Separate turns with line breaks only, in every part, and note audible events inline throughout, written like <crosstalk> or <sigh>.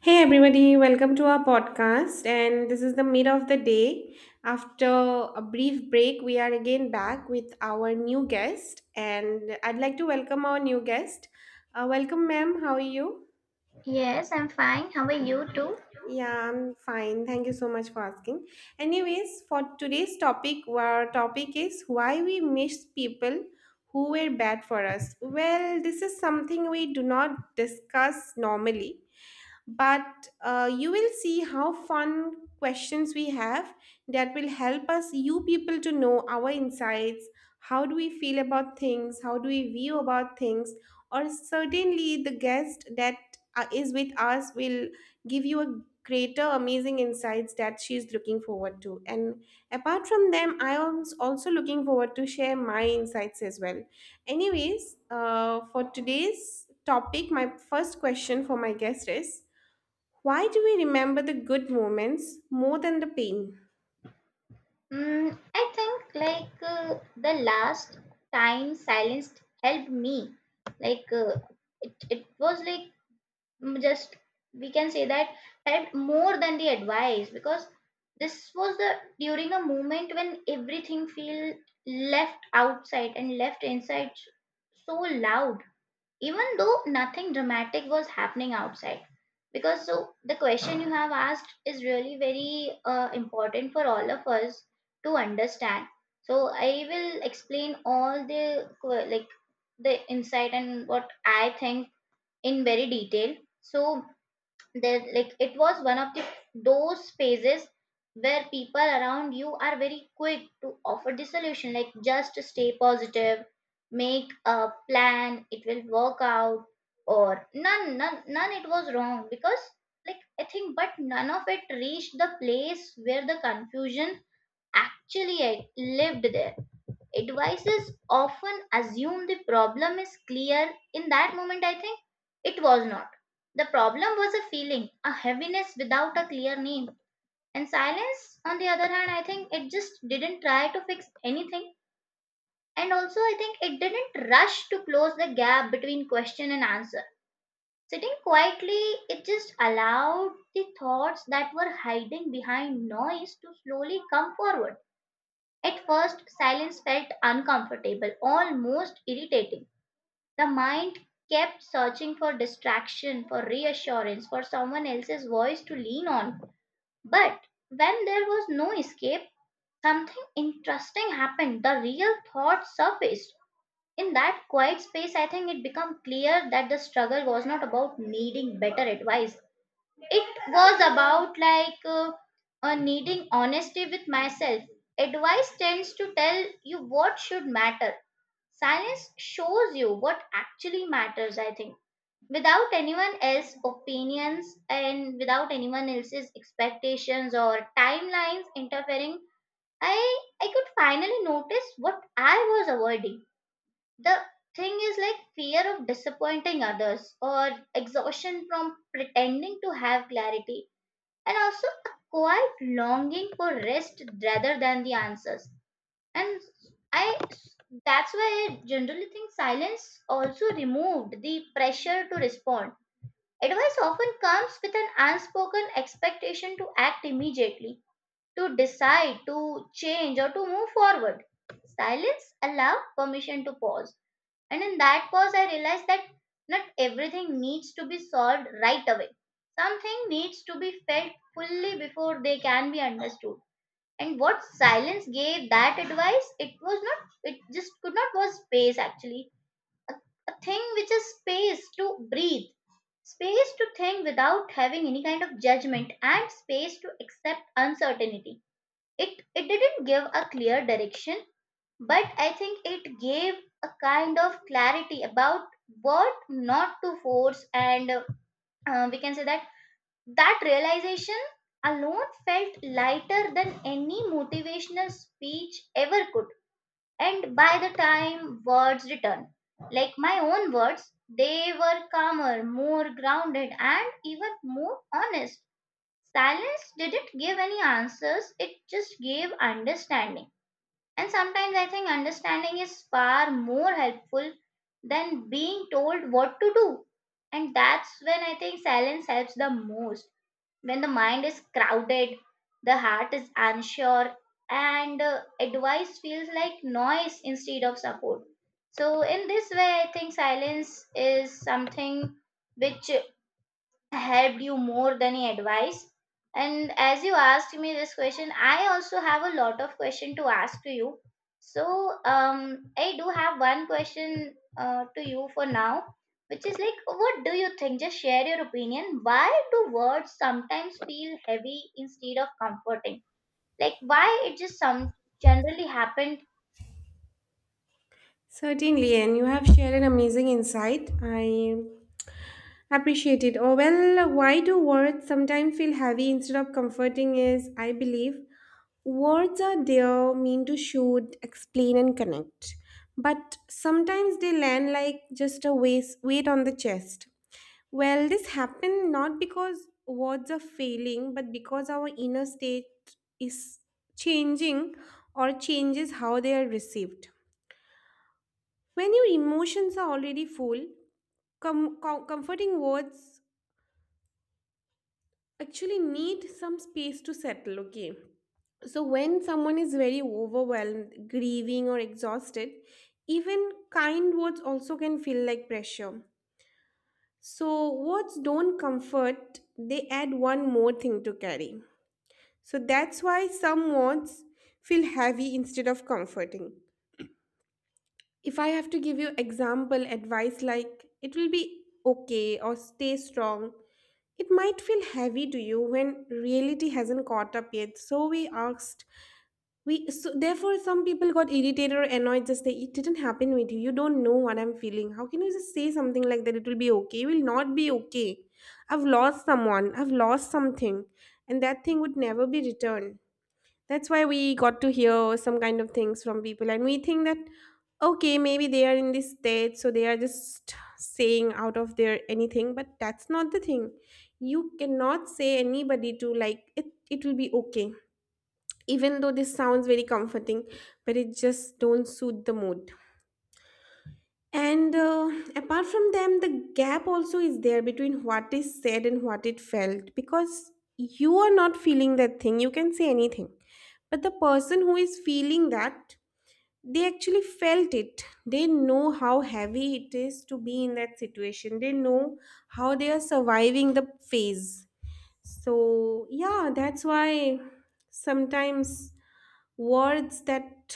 Hey everybody, welcome to our podcast. And this is the mid of the day. After a brief break, we are again back with our new guest. And I'd like to welcome our new guest. Welcome, ma'am. How are you?
Yes, I'm fine. How are you too?
Yeah, I'm fine. Thank you so much for asking. Anyways, for today's topic, our topic is why we miss people who were bad for us. Well, this is something we do not discuss normally but you will see how fun questions we have that will help us you people to know our insights, how do we feel about things, how do we view about things, or certainly the guest that is with us will give you a greater amazing insights that she's looking forward to. And apart from them, I am also looking forward to share my insights as well. Anyways, for today's topic, my first question for my guest is, why do we remember the good moments more than the pain?
Mm, I think the last time silence helped me. Like uh, it was like just we can say that helped more than the advice, because this was the during a moment when everything feel left outside and left inside so loud, even though nothing dramatic was happening outside. Because so the question you have asked is really very important for all of us to understand. So I will explain all the qu- like the insight and what I think in very detail. So there, like, it was one of the those phases where people around you are very quick to offer the solution, like just stay positive, make a plan, it will work out. Or none, it was wrong, because, like, I think, but none of it reached the place where the confusion actually, like, lived there. Advices often assume the problem is clear in that moment, I think. It was not. The problem was a feeling, a heaviness without a clear name. And silence, on the other hand, I think it just didn't try to fix anything. And also, I think it didn't rush to close the gap between question and answer. Sitting quietly, it just allowed the thoughts that were hiding behind noise to slowly come forward. At first, silence felt uncomfortable, almost irritating. The mind kept searching for distraction, for reassurance, for someone else's voice to lean on. But when there was no escape, something interesting happened. The real thought surfaced. In that quiet space, I think it became clear that the struggle was not about needing better advice. It was about needing honesty with myself. Advice tends to tell you what should matter. Silence shows you what actually matters, I think. Without anyone else's opinions and without anyone else's expectations or timelines interfering, I could finally notice what I was avoiding. The thing is, like, fear of disappointing others, or exhaustion from pretending to have clarity, and also a quiet longing for rest rather than the answers. And i that's why i generally think silence also removed the pressure to respond. Advice often comes with an unspoken expectation to act immediately, to decide, to change, or to move forward. Silence allows permission to pause, and in that pause, I realized that not everything needs to be solved right away. Something needs to be felt fully before they can be understood. And what silence gave that advice, it was not, it just could not, was space, actually. A, a thing which is space to breathe, space to think without having any kind of judgment, and space to accept uncertainty. It didn't give a clear direction, but I think it gave a kind of clarity about what not to force, and we can say that that realization alone felt lighter than any motivational speech ever could. And by the time words returned, like my own words, they were calmer, more grounded, and even more honest. Silence didn't give any answers, it just gave understanding, and sometimes I think understanding is far more helpful than being told what to do. And that's when I think silence helps the most. When the mind is crowded, the heart is unsure, and advice feels like noise instead of support. So, in this way, I think silence is something which helped you more than any advice. And as you asked me this question, I also have a lot of question to ask to you. So, I do have one question to you for now, which is like, what do you think? Just share your opinion. Why do words sometimes feel heavy instead of comforting? Like, why it just some generally happened?
Certainly, and you have shared an amazing insight. I appreciate it. Oh, well, why do words sometimes feel heavy instead of comforting? Is, I believe words are there mean to shoot, explain, and connect, but sometimes they land like just a weight on the chest. Well, this happened not because words are failing, but because our inner state is changing or changes how they are received. When your emotions are already full, comforting words actually need some space to settle, okay? So, when someone is very overwhelmed, grieving, or exhausted, even kind words also can feel like pressure. So, words don't comfort, they add one more thing to carry. So that's why some wants feel heavy instead of comforting. If I have to give you example advice like it will be okay or stay strong, it might feel heavy to you when reality hasn't caught up yet. So we asked, we so therefore some people got irritated or annoyed. Just say it didn't happen with you. You don't know what I'm feeling. How can you just say something like that? It will be okay. It will not be okay. I've lost someone. I've lost something, and that thing would never be returned. That's why we got to hear some kind of things from people, and we think that okay, maybe they are in this state, so they are just saying out of their anything, but that's not the thing. You cannot say anybody to like it will be okay. Even though this sounds very comforting, but it just don't suit the mood. And apart from them, the gap also is there between what is said and what it felt, because you are not feeling that thing. You can say anything. But the person who is feeling that, they actually felt it. They know how heavy it is to be in that situation. They know how they are surviving the phase. So, yeah, that's why sometimes words that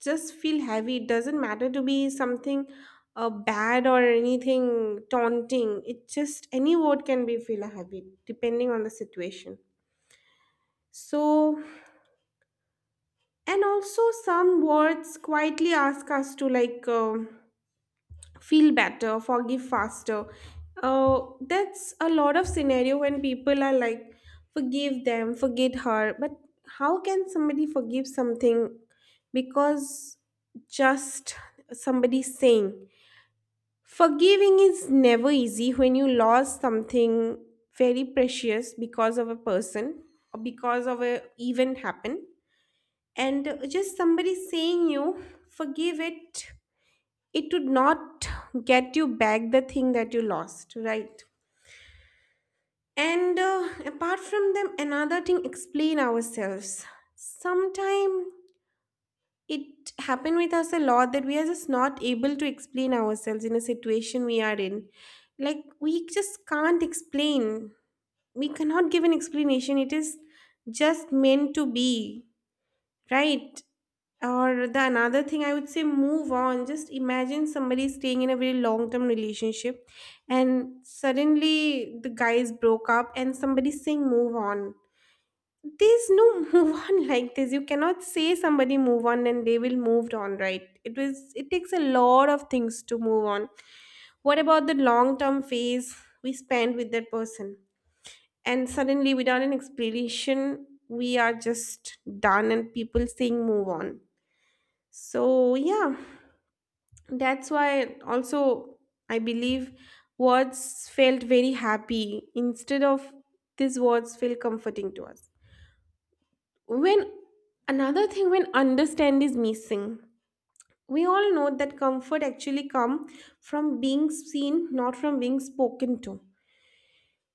just feel heavy. It doesn't matter to be something bad or anything taunting. It just any word can be feel heavy depending on the situation. So, and also some words quietly ask us to like, feel better, forgive faster. That's a lot of scenario when people are like, forgive them, forget her. But how can somebody forgive something, because just somebody saying? Forgiving is never easy when you lost something very precious because of a person or because of a event happened, and just somebody saying you forgive it, it would not get you back the thing that you lost, right? And apart from them, another thing, explain ourselves. Sometime it happened with us a lot that we are just not able to explain ourselves in a situation we are in. Like, we just can't explain, we cannot give an explanation, it is just meant to be. Right. Or the another thing, I would say move on. Just imagine somebody staying in a very long term relationship and suddenly the guys broke up and somebody's saying move on. There's no <laughs> move on like this. You cannot say somebody move on and they will moved on, right? It was, it takes a lot of things to move on. What about the long term phase we spend with that person? And suddenly without an explanation, we are just done and people saying move on. So, yeah, that's why also I believe words felt very happy instead of these words feel comforting to us. When another thing, when understand is missing, we all know that comfort actually come from being seen, not from being spoken to.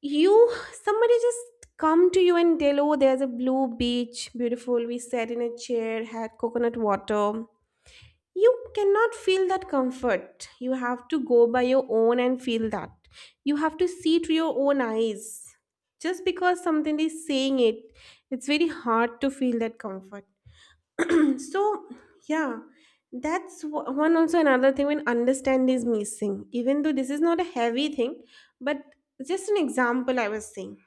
You, somebody just come to you and tell, oh, there's a blue beach, beautiful. We sat in a chair, had coconut water. You cannot feel that comfort, you have to go by your own and feel that. You have to see to your own eyes. Just because something is saying it, it's very hard to feel that comfort. <clears throat> So, yeah, one also another thing, when understand is missing, even though this is not a heavy thing, but just an example I was saying.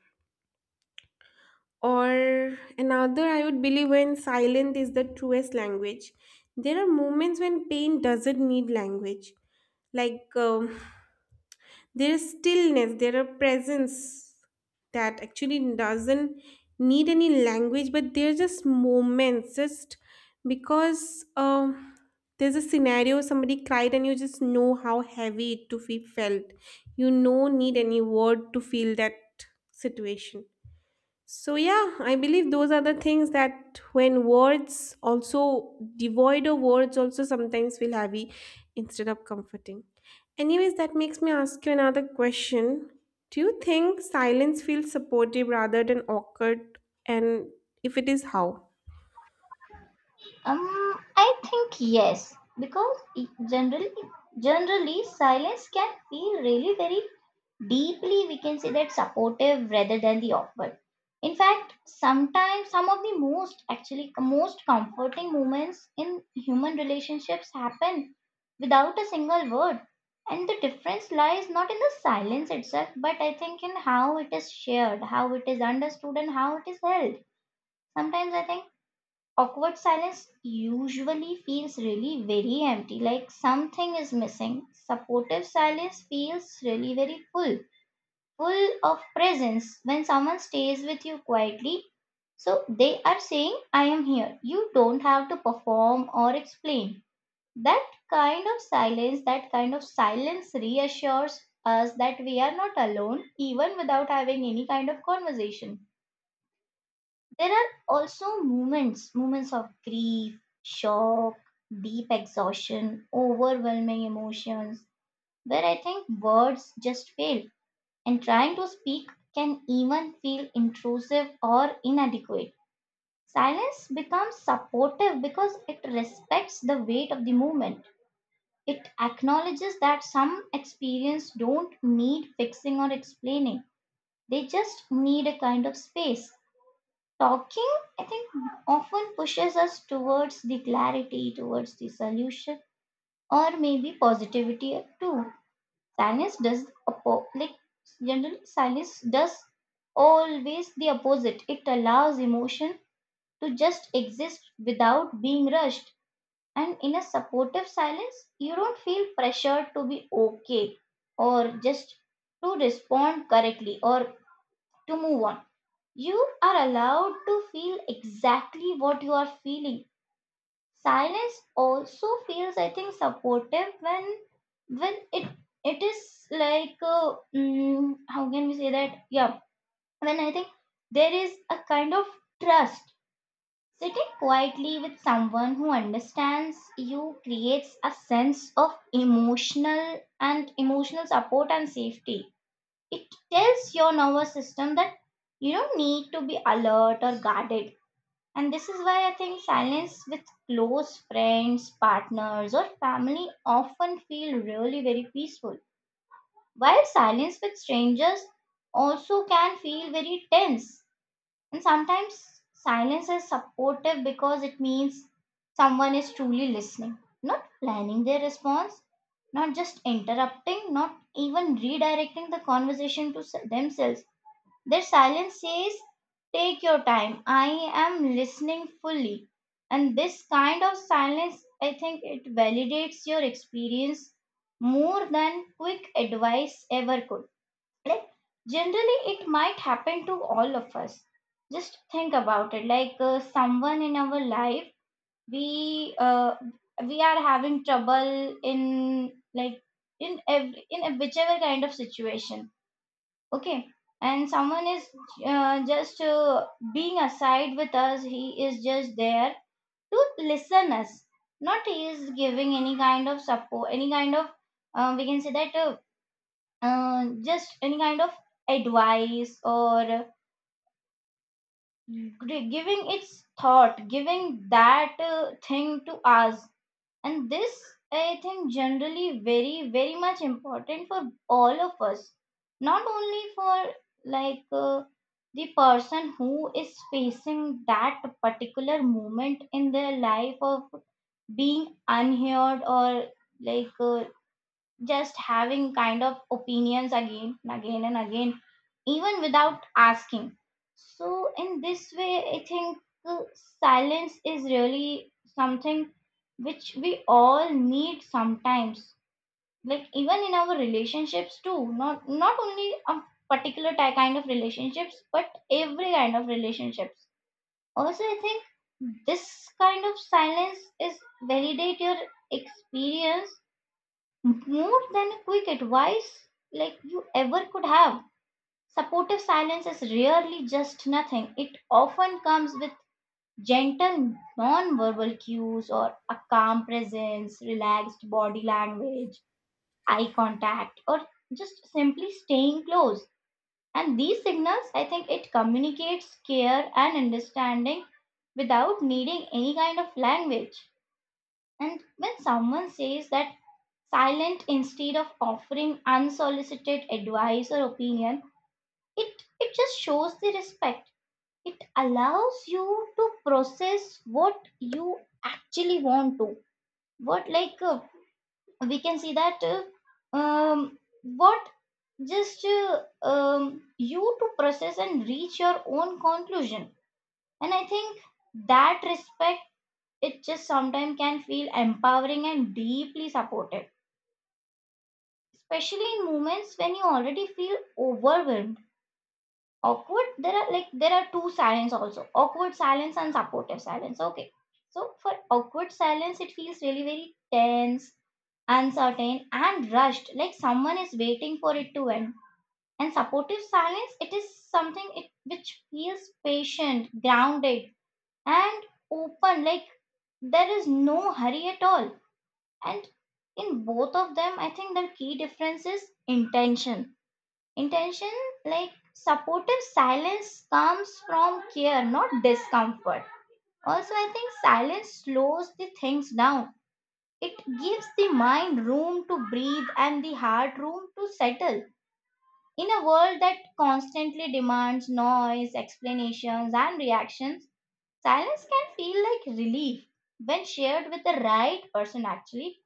Or another, I would believe when silence is the truest language. There are moments when pain doesn't need language. Like, there is stillness, there are presence that actually doesn't need any language, but there are just moments, just because there's a scenario somebody cried and you just know how heavy it to be felt. You no need any word to feel that situation. So, yeah, I believe those are the things that when words also devoid of words, also sometimes feel heavy instead of comforting. Anyways, that makes me ask you another question. Do you think silence feels supportive rather than awkward? And if it is, how?
um I think yes, because it generally silence can feel really very deeply, we can say that, supportive rather than the awkward. In fact, sometimes some of the most, actually most comforting, moments in human relationships happen without a single word. And the difference lies not in the silence itself, but I think in how it is shared, how it is understood, and how it is held. Sometimes I think awkward silence usually feels really very empty, like something is missing. Supportive silence feels really very full, full of presence when someone stays with you quietly. So they are saying, I am here. You don't have to perform or explain. That kind of silence, that kind of silence reassures us that we are not alone, even without having any kind of conversation. There are also moments, moments of grief, shock, deep exhaustion, overwhelming emotions, where I think words just fail, and trying to speak can even feel intrusive or inadequate. Silence becomes supportive because it respects the weight of the movement. It acknowledges that some experiences don't need fixing or explaining. They just need a kind of space. Talking, I think, often pushes us towards the clarity, towards the solution, or maybe positivity too. Silence does oppo- like generally silence does always the opposite. It allows emotion to just exist without being rushed. And in a supportive silence, you don't feel pressured to be okay, or just to respond correctly, or to move on. You are allowed to feel exactly what you are feeling. Silence also feels, I think, supportive when when it it is like, how can we say that? Yeah, when I think there is a kind of trust. Sitting quietly with someone who understands you creates a sense of emotional and emotional support and safety. It tells your nervous system that you don't need to be alert or guarded, and this is why I think silence with close friends, partners, or family often feel really very peaceful. While silence with strangers also can feel very tense. And sometimes silence is supportive because it means someone is truly listening, not planning their response, not just interrupting, not even redirecting the conversation to themselves. Their silence says, take your time, I am listening fully. And this kind of silence, I think it validates your experience more than quick advice ever could. Like, generally, it might happen to all of us. Just think about it. Like, someone in our life, we uh, we are having trouble in, like, in every, in whichever kind of situation, okay? And someone is just being aside with us, he is just there to listen us. Not he is giving any kind of support, any kind of, we can say that, just any kind of advice, or giving its thought, giving that thing to us. And this, I think, generally very very much important for all of us. Not only for like uh, the person who is facing that particular moment in their life of being unheard, or like uh, just having kind of opinions again and again and again, even without asking. So, in this way, I think uh, silence is really something which we all need sometimes. Like even in our relationships too, not only a particular kind of relationships, but every kind of relationships. Also, I think this kind of silence is validate your experience more than a quick advice, like you ever could have. Supportive silence is rarely just nothing. It often comes with gentle non-verbal cues or a calm presence, relaxed body language, eye contact, or just simply staying close. And these signals, I think it communicates care and understanding without needing any kind of language. And when someone says that silent instead of offering unsolicited advice or opinion, it it just shows the respect. It allows you to process what you actually want to, what we can see that um what just um you to process and reach your own conclusion. And I think that respect, it just sometimes can feel empowering and deeply supported, especially in moments when you already feel overwhelmed. Awkward, there are two silence also, awkward silence and supportive silence, okay? So for awkward silence, it feels really very tense, uncertain, and rushed, like someone is waiting for it to end. And supportive silence, it is something it which feels patient, grounded, and open, like there is no hurry at all. And in both of them, I think the key difference is intention. Intention, like supportive silence, comes from care, not discomfort. Also, I think silence slows the things down. It gives the mind room to breathe and the heart room to settle. In a world that constantly demands noise, explanations, and reactions, silence can feel like relief. When shared with the right person, actually,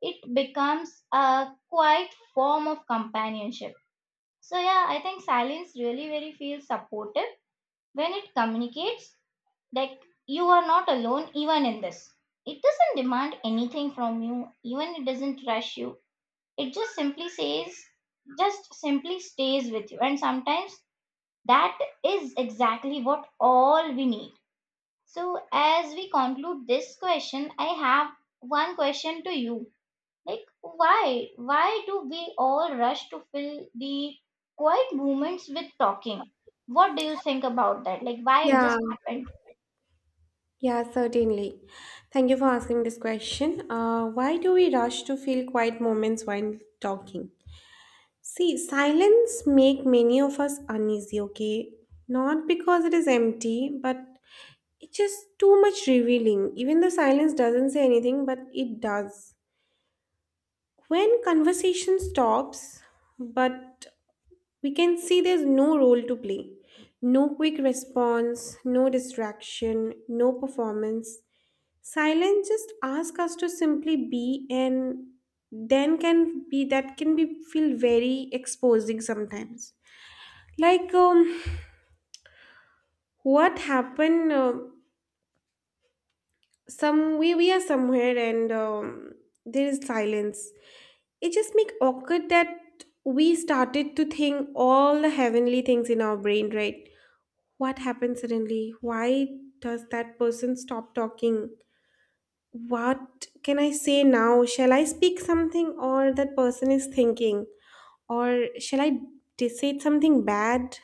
it becomes a quiet form of companionship. So yeah, I think silence really very feels supportive when it communicates that you are not alone even in this. It doesn't demand anything from you, even it doesn't rush you. It just simply says just simply stays with you, and sometimes that is exactly what all we need. So as we conclude this question, I have one question to you. Like, why? Why do we all rush to fill the quiet moments with talking? What do you think about that? Like, why it
Yeah,
just happened?
yeah, certainly. Thank you for asking this question. Why do we rush to feel quiet moments while talking? See, silence make many of us uneasy, okay? Not because it is empty, but it's just too much revealing. Even though silence doesn't say anything, but it does. When conversation stops, but we can see there's no role to play. No quick response, no distraction, no performance. Silence just asks us to simply be, and then can be, that can be feel very exposing sometimes. Like, what happened? Some we are somewhere and there is silence. It just make awkward that we started to think all the heavenly things in our brain, right? What happened suddenly? Why does that person stop talking? What can I say now? Shall I speak something, or that person is thinking, or shall I say something bad?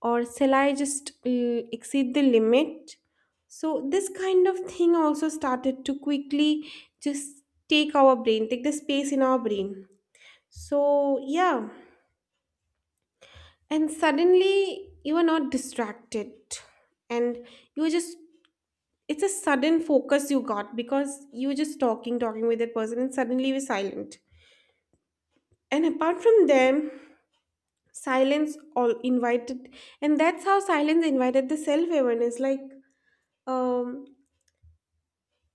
Or shall I just exceed the limit? So, this kind of thing also started to quickly just take our brain, take the space in our brain. So, yeah, and suddenly you are not distracted, and you just, it's a sudden focus you got because you were just talking with that person, and suddenly you're silent. And apart from them, silence all invited, and that's how silence invited the self awareness. Like, um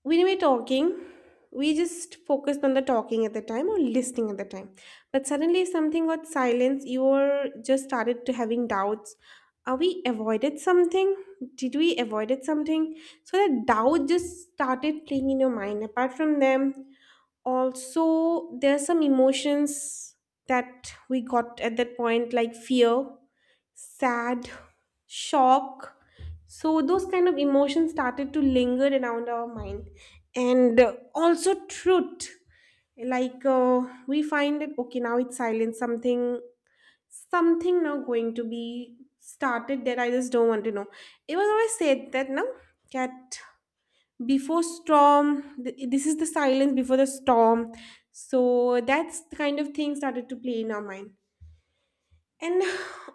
when we were talking, we just focused on the talking at the time or listening at the time, but suddenly something got silence. You were just started to having doubts, are we avoided something, did we avoided something? So that doubt just started playing in your mind. Apart from them, also there are some emotions that we got at that point, like fear, sad, shock. So those kind of emotions started to linger around our mind, and also truth. Like, we find that okay, now it's silent. Something now going to be started that I just don't want to know. It was always said that no, that before storm, this is the silence before the storm. So that's the kind of thing started to play in our mind. And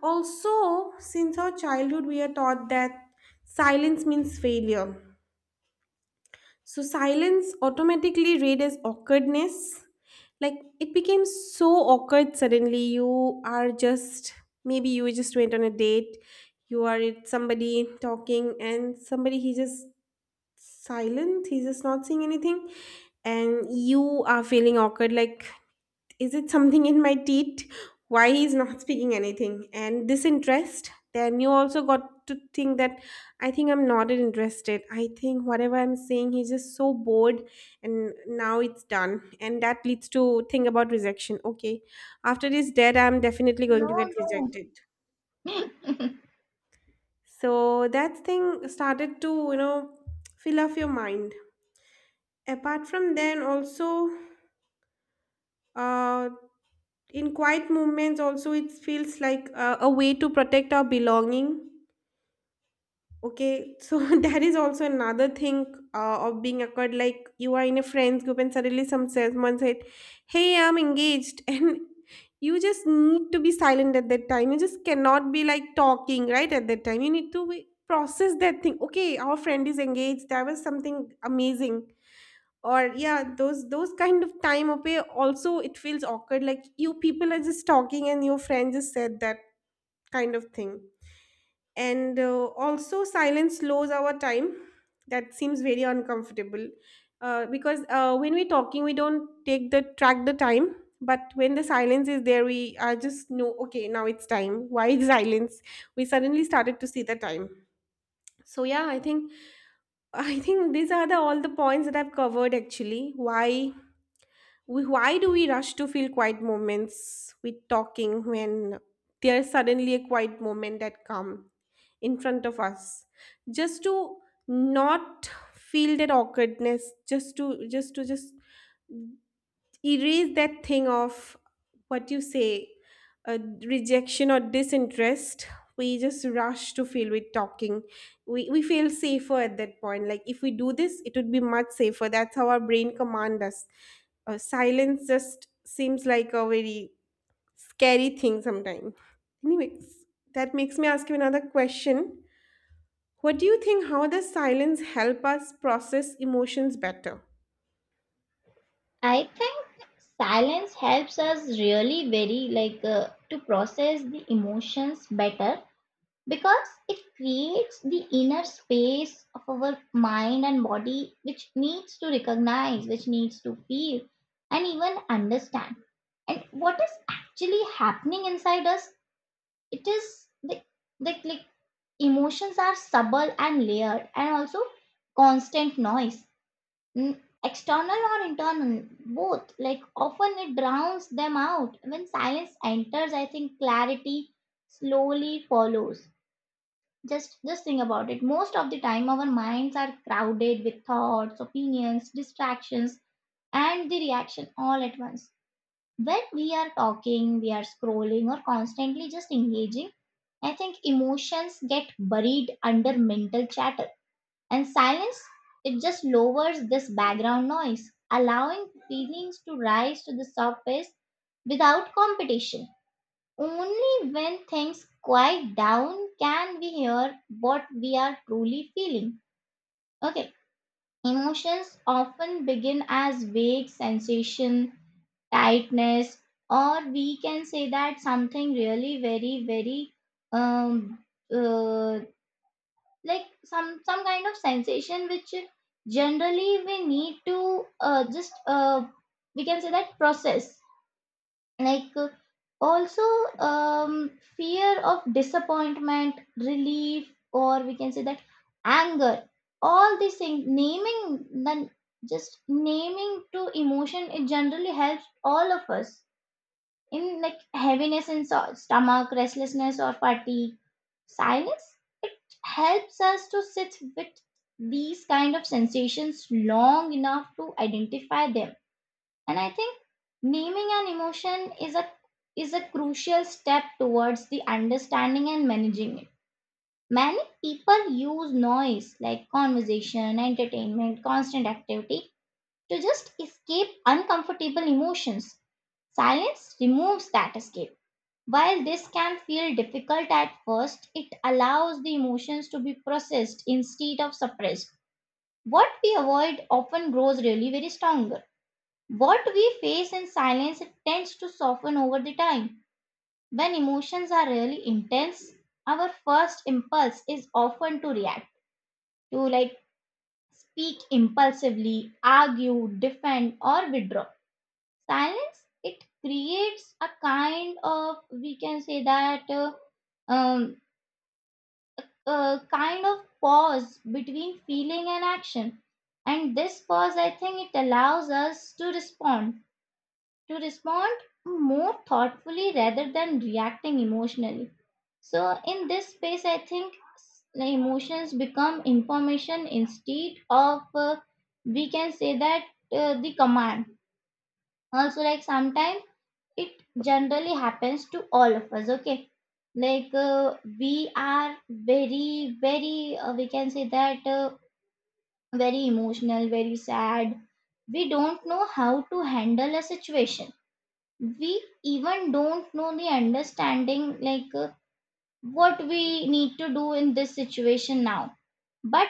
also, since our childhood, we are taught that silence means failure. So, silence automatically read as awkwardness. Like, it became so awkward suddenly. You are just, maybe you just went on a date, you are with somebody talking, and somebody, he just silent, he's just not saying anything, and you are feeling awkward. Like, is it something in my teeth? Why he's not speaking anything? And disinterest. Then you also got to think that I think I'm not interested. I think whatever I'm saying, he's just so bored, and now it's done. And that leads to think about rejection. Okay, after this dead, I'm definitely going
No,
to get
no.
rejected. So that thing started to, you know, fill up your mind. Apart from then, also uh in quiet movements also it feels like a way to protect our belonging, okay? So <laughs> that is also another thing of being awkward. Like, you are in a friends group and suddenly someone said, hey, I'm engaged, <laughs> and you just need to be silent at that time, you just cannot be like talking right at that time, you need to be, process that thing, okay, our friend is engaged, that was something amazing. Or yeah, those kind of time away also it feels awkward, like you people are just talking and your friend just said that kind of thing. And also silence slows our time, that seems very uncomfortable. Because when we're talking we don't take the track the time, but when the silence is there we are just know okay now it's time. <laughs> Why is silence, we suddenly started to see the time. So yeah, I think these are the all the points that I've covered actually. Why why do we rush to feel quiet moments with talking when there's suddenly a quiet moment that come in front of us, just to not feel that awkwardness, just erase that thing of what you say, uh, rejection or disinterest, we just rush to feel with talking. We feel safer at that point. Like if we do this, it would be much safer. That's how our brain commands us. Silence just seems like a very scary thing sometimes. Anyways, that makes me ask you another question. What do you think? How does silence help us process emotions better?
<laughs> I think silence helps us really very like to process the emotions better, because it creates the inner space of our mind and body which needs to recognize, which needs to feel and even understand, and what is actually happening inside us. It is the like emotions are subtle and layered, and also constant noise, Mm, external or internal, both like often it drowns them out. When silence enters, I think clarity slowly follows. Just think about it. Most of the time our minds are crowded with thoughts, opinions, distractions and the reaction all at once. When we are talking, we are scrolling or constantly just engaging, I think emotions get buried under mental chatter. And silence, it just lowers this background noise, allowing feelings to rise to the surface without competition. Only when things quiet down can we hear what we are truly feeling. Okay, emotions often begin as vague sensation, tightness, or we can say that something really very very, um uh, like some kind of sensation which generally we need to just we can say that process, like also, fear of disappointment, relief, or we can say that anger. All these things, naming then, just naming to emotion, it generally helps all of us in like heaviness in so- stomach, restlessness or fatigue. Silence, it helps us to sit with these kind of sensations long enough to identify them. And I think naming an emotion is a crucial step towards the understanding and managing it. Many people use noise like conversation, entertainment, constant activity to just escape uncomfortable emotions. Silence removes that escape. While this can feel difficult at first, it allows the emotions to be processed instead of suppressed. What we avoid often grows really very strong. What we face in silence tends to soften over the time. When emotions are really intense, our first impulse is often to react, to like speak impulsively, argue, defend, or withdraw. Silence, it creates a kind of, we can say that, um, a kind of pause between feeling and action, and this pause, I think it allows us to respond more thoughtfully rather than reacting emotionally. So, in this space, I think s- the emotions become information instead of we can say that, the command. Also, like sometimes it generally happens to all of us, okay? Like we are very, very, we can say that, very emotional, very sad. We don't know how to handle a situation, we even don't know the understanding, like what we need to do in this situation now. But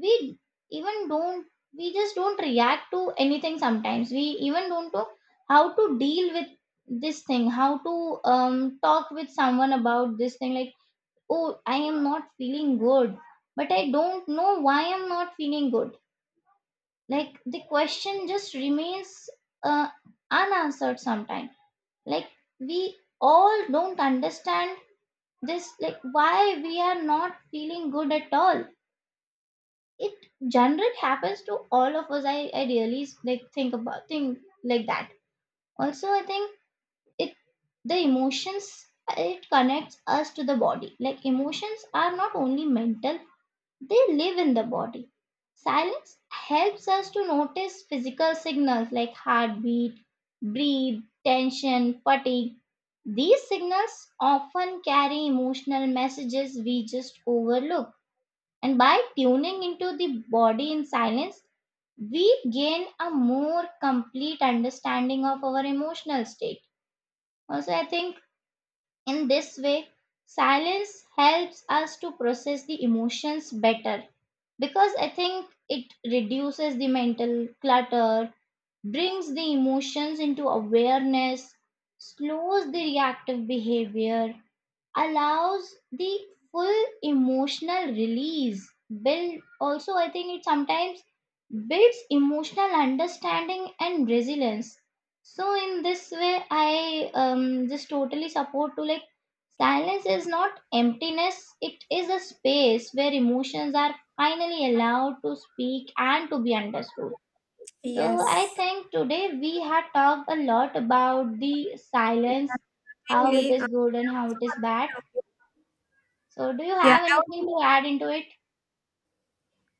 we even don't, we just don't react to anything. Sometimes we even don't know how to deal with this thing, how to talk with someone about this thing, like oh, I am not feeling good, but I don't know why I'm not feeling good. Like the question just remains uh, unanswered sometimes. Like we all don't understand this, like why we are not feeling good at all. It generally happens to all of us. I really like think about, think like that. Also I think it, the emotions, it connects us to the body, like emotions are not only mental, they live in the body. Silence helps us to notice physical signals like heartbeat, breathe, tension, fatigue. These signals often carry emotional messages we just overlook. And by tuning into the body in silence, we gain a more complete understanding of our emotional state. Also, I think in this way, silence helps us to process the emotions better, because I think it reduces the mental clutter, brings the emotions into awareness, slows the reactive behavior, allows the full emotional release, build, also I think it sometimes builds emotional understanding and resilience. So in this way, I just totally support to, like, silence is not emptiness, it is a space where emotions are finally allowed to speak and to be understood. So I think today we had talked a lot about the silence, how it is good and how it is bad. So, do you
Yeah.
have
I
anything
also
to add into it?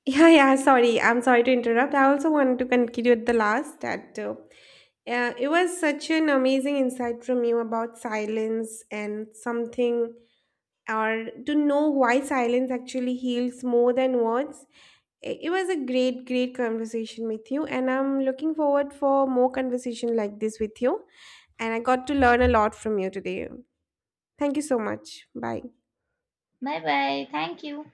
Yeah, yeah, sorry. I'm sorry to interrupt. I also wanted to conclude with the last that it was such an amazing insight from you about silence and something, or to know why silence actually heals more than words. It was a great conversation with you, and I'm looking forward for more conversation like this with you. And I got to learn a lot from you today. Thank you so much. Bye.
Bye bye. Thank you.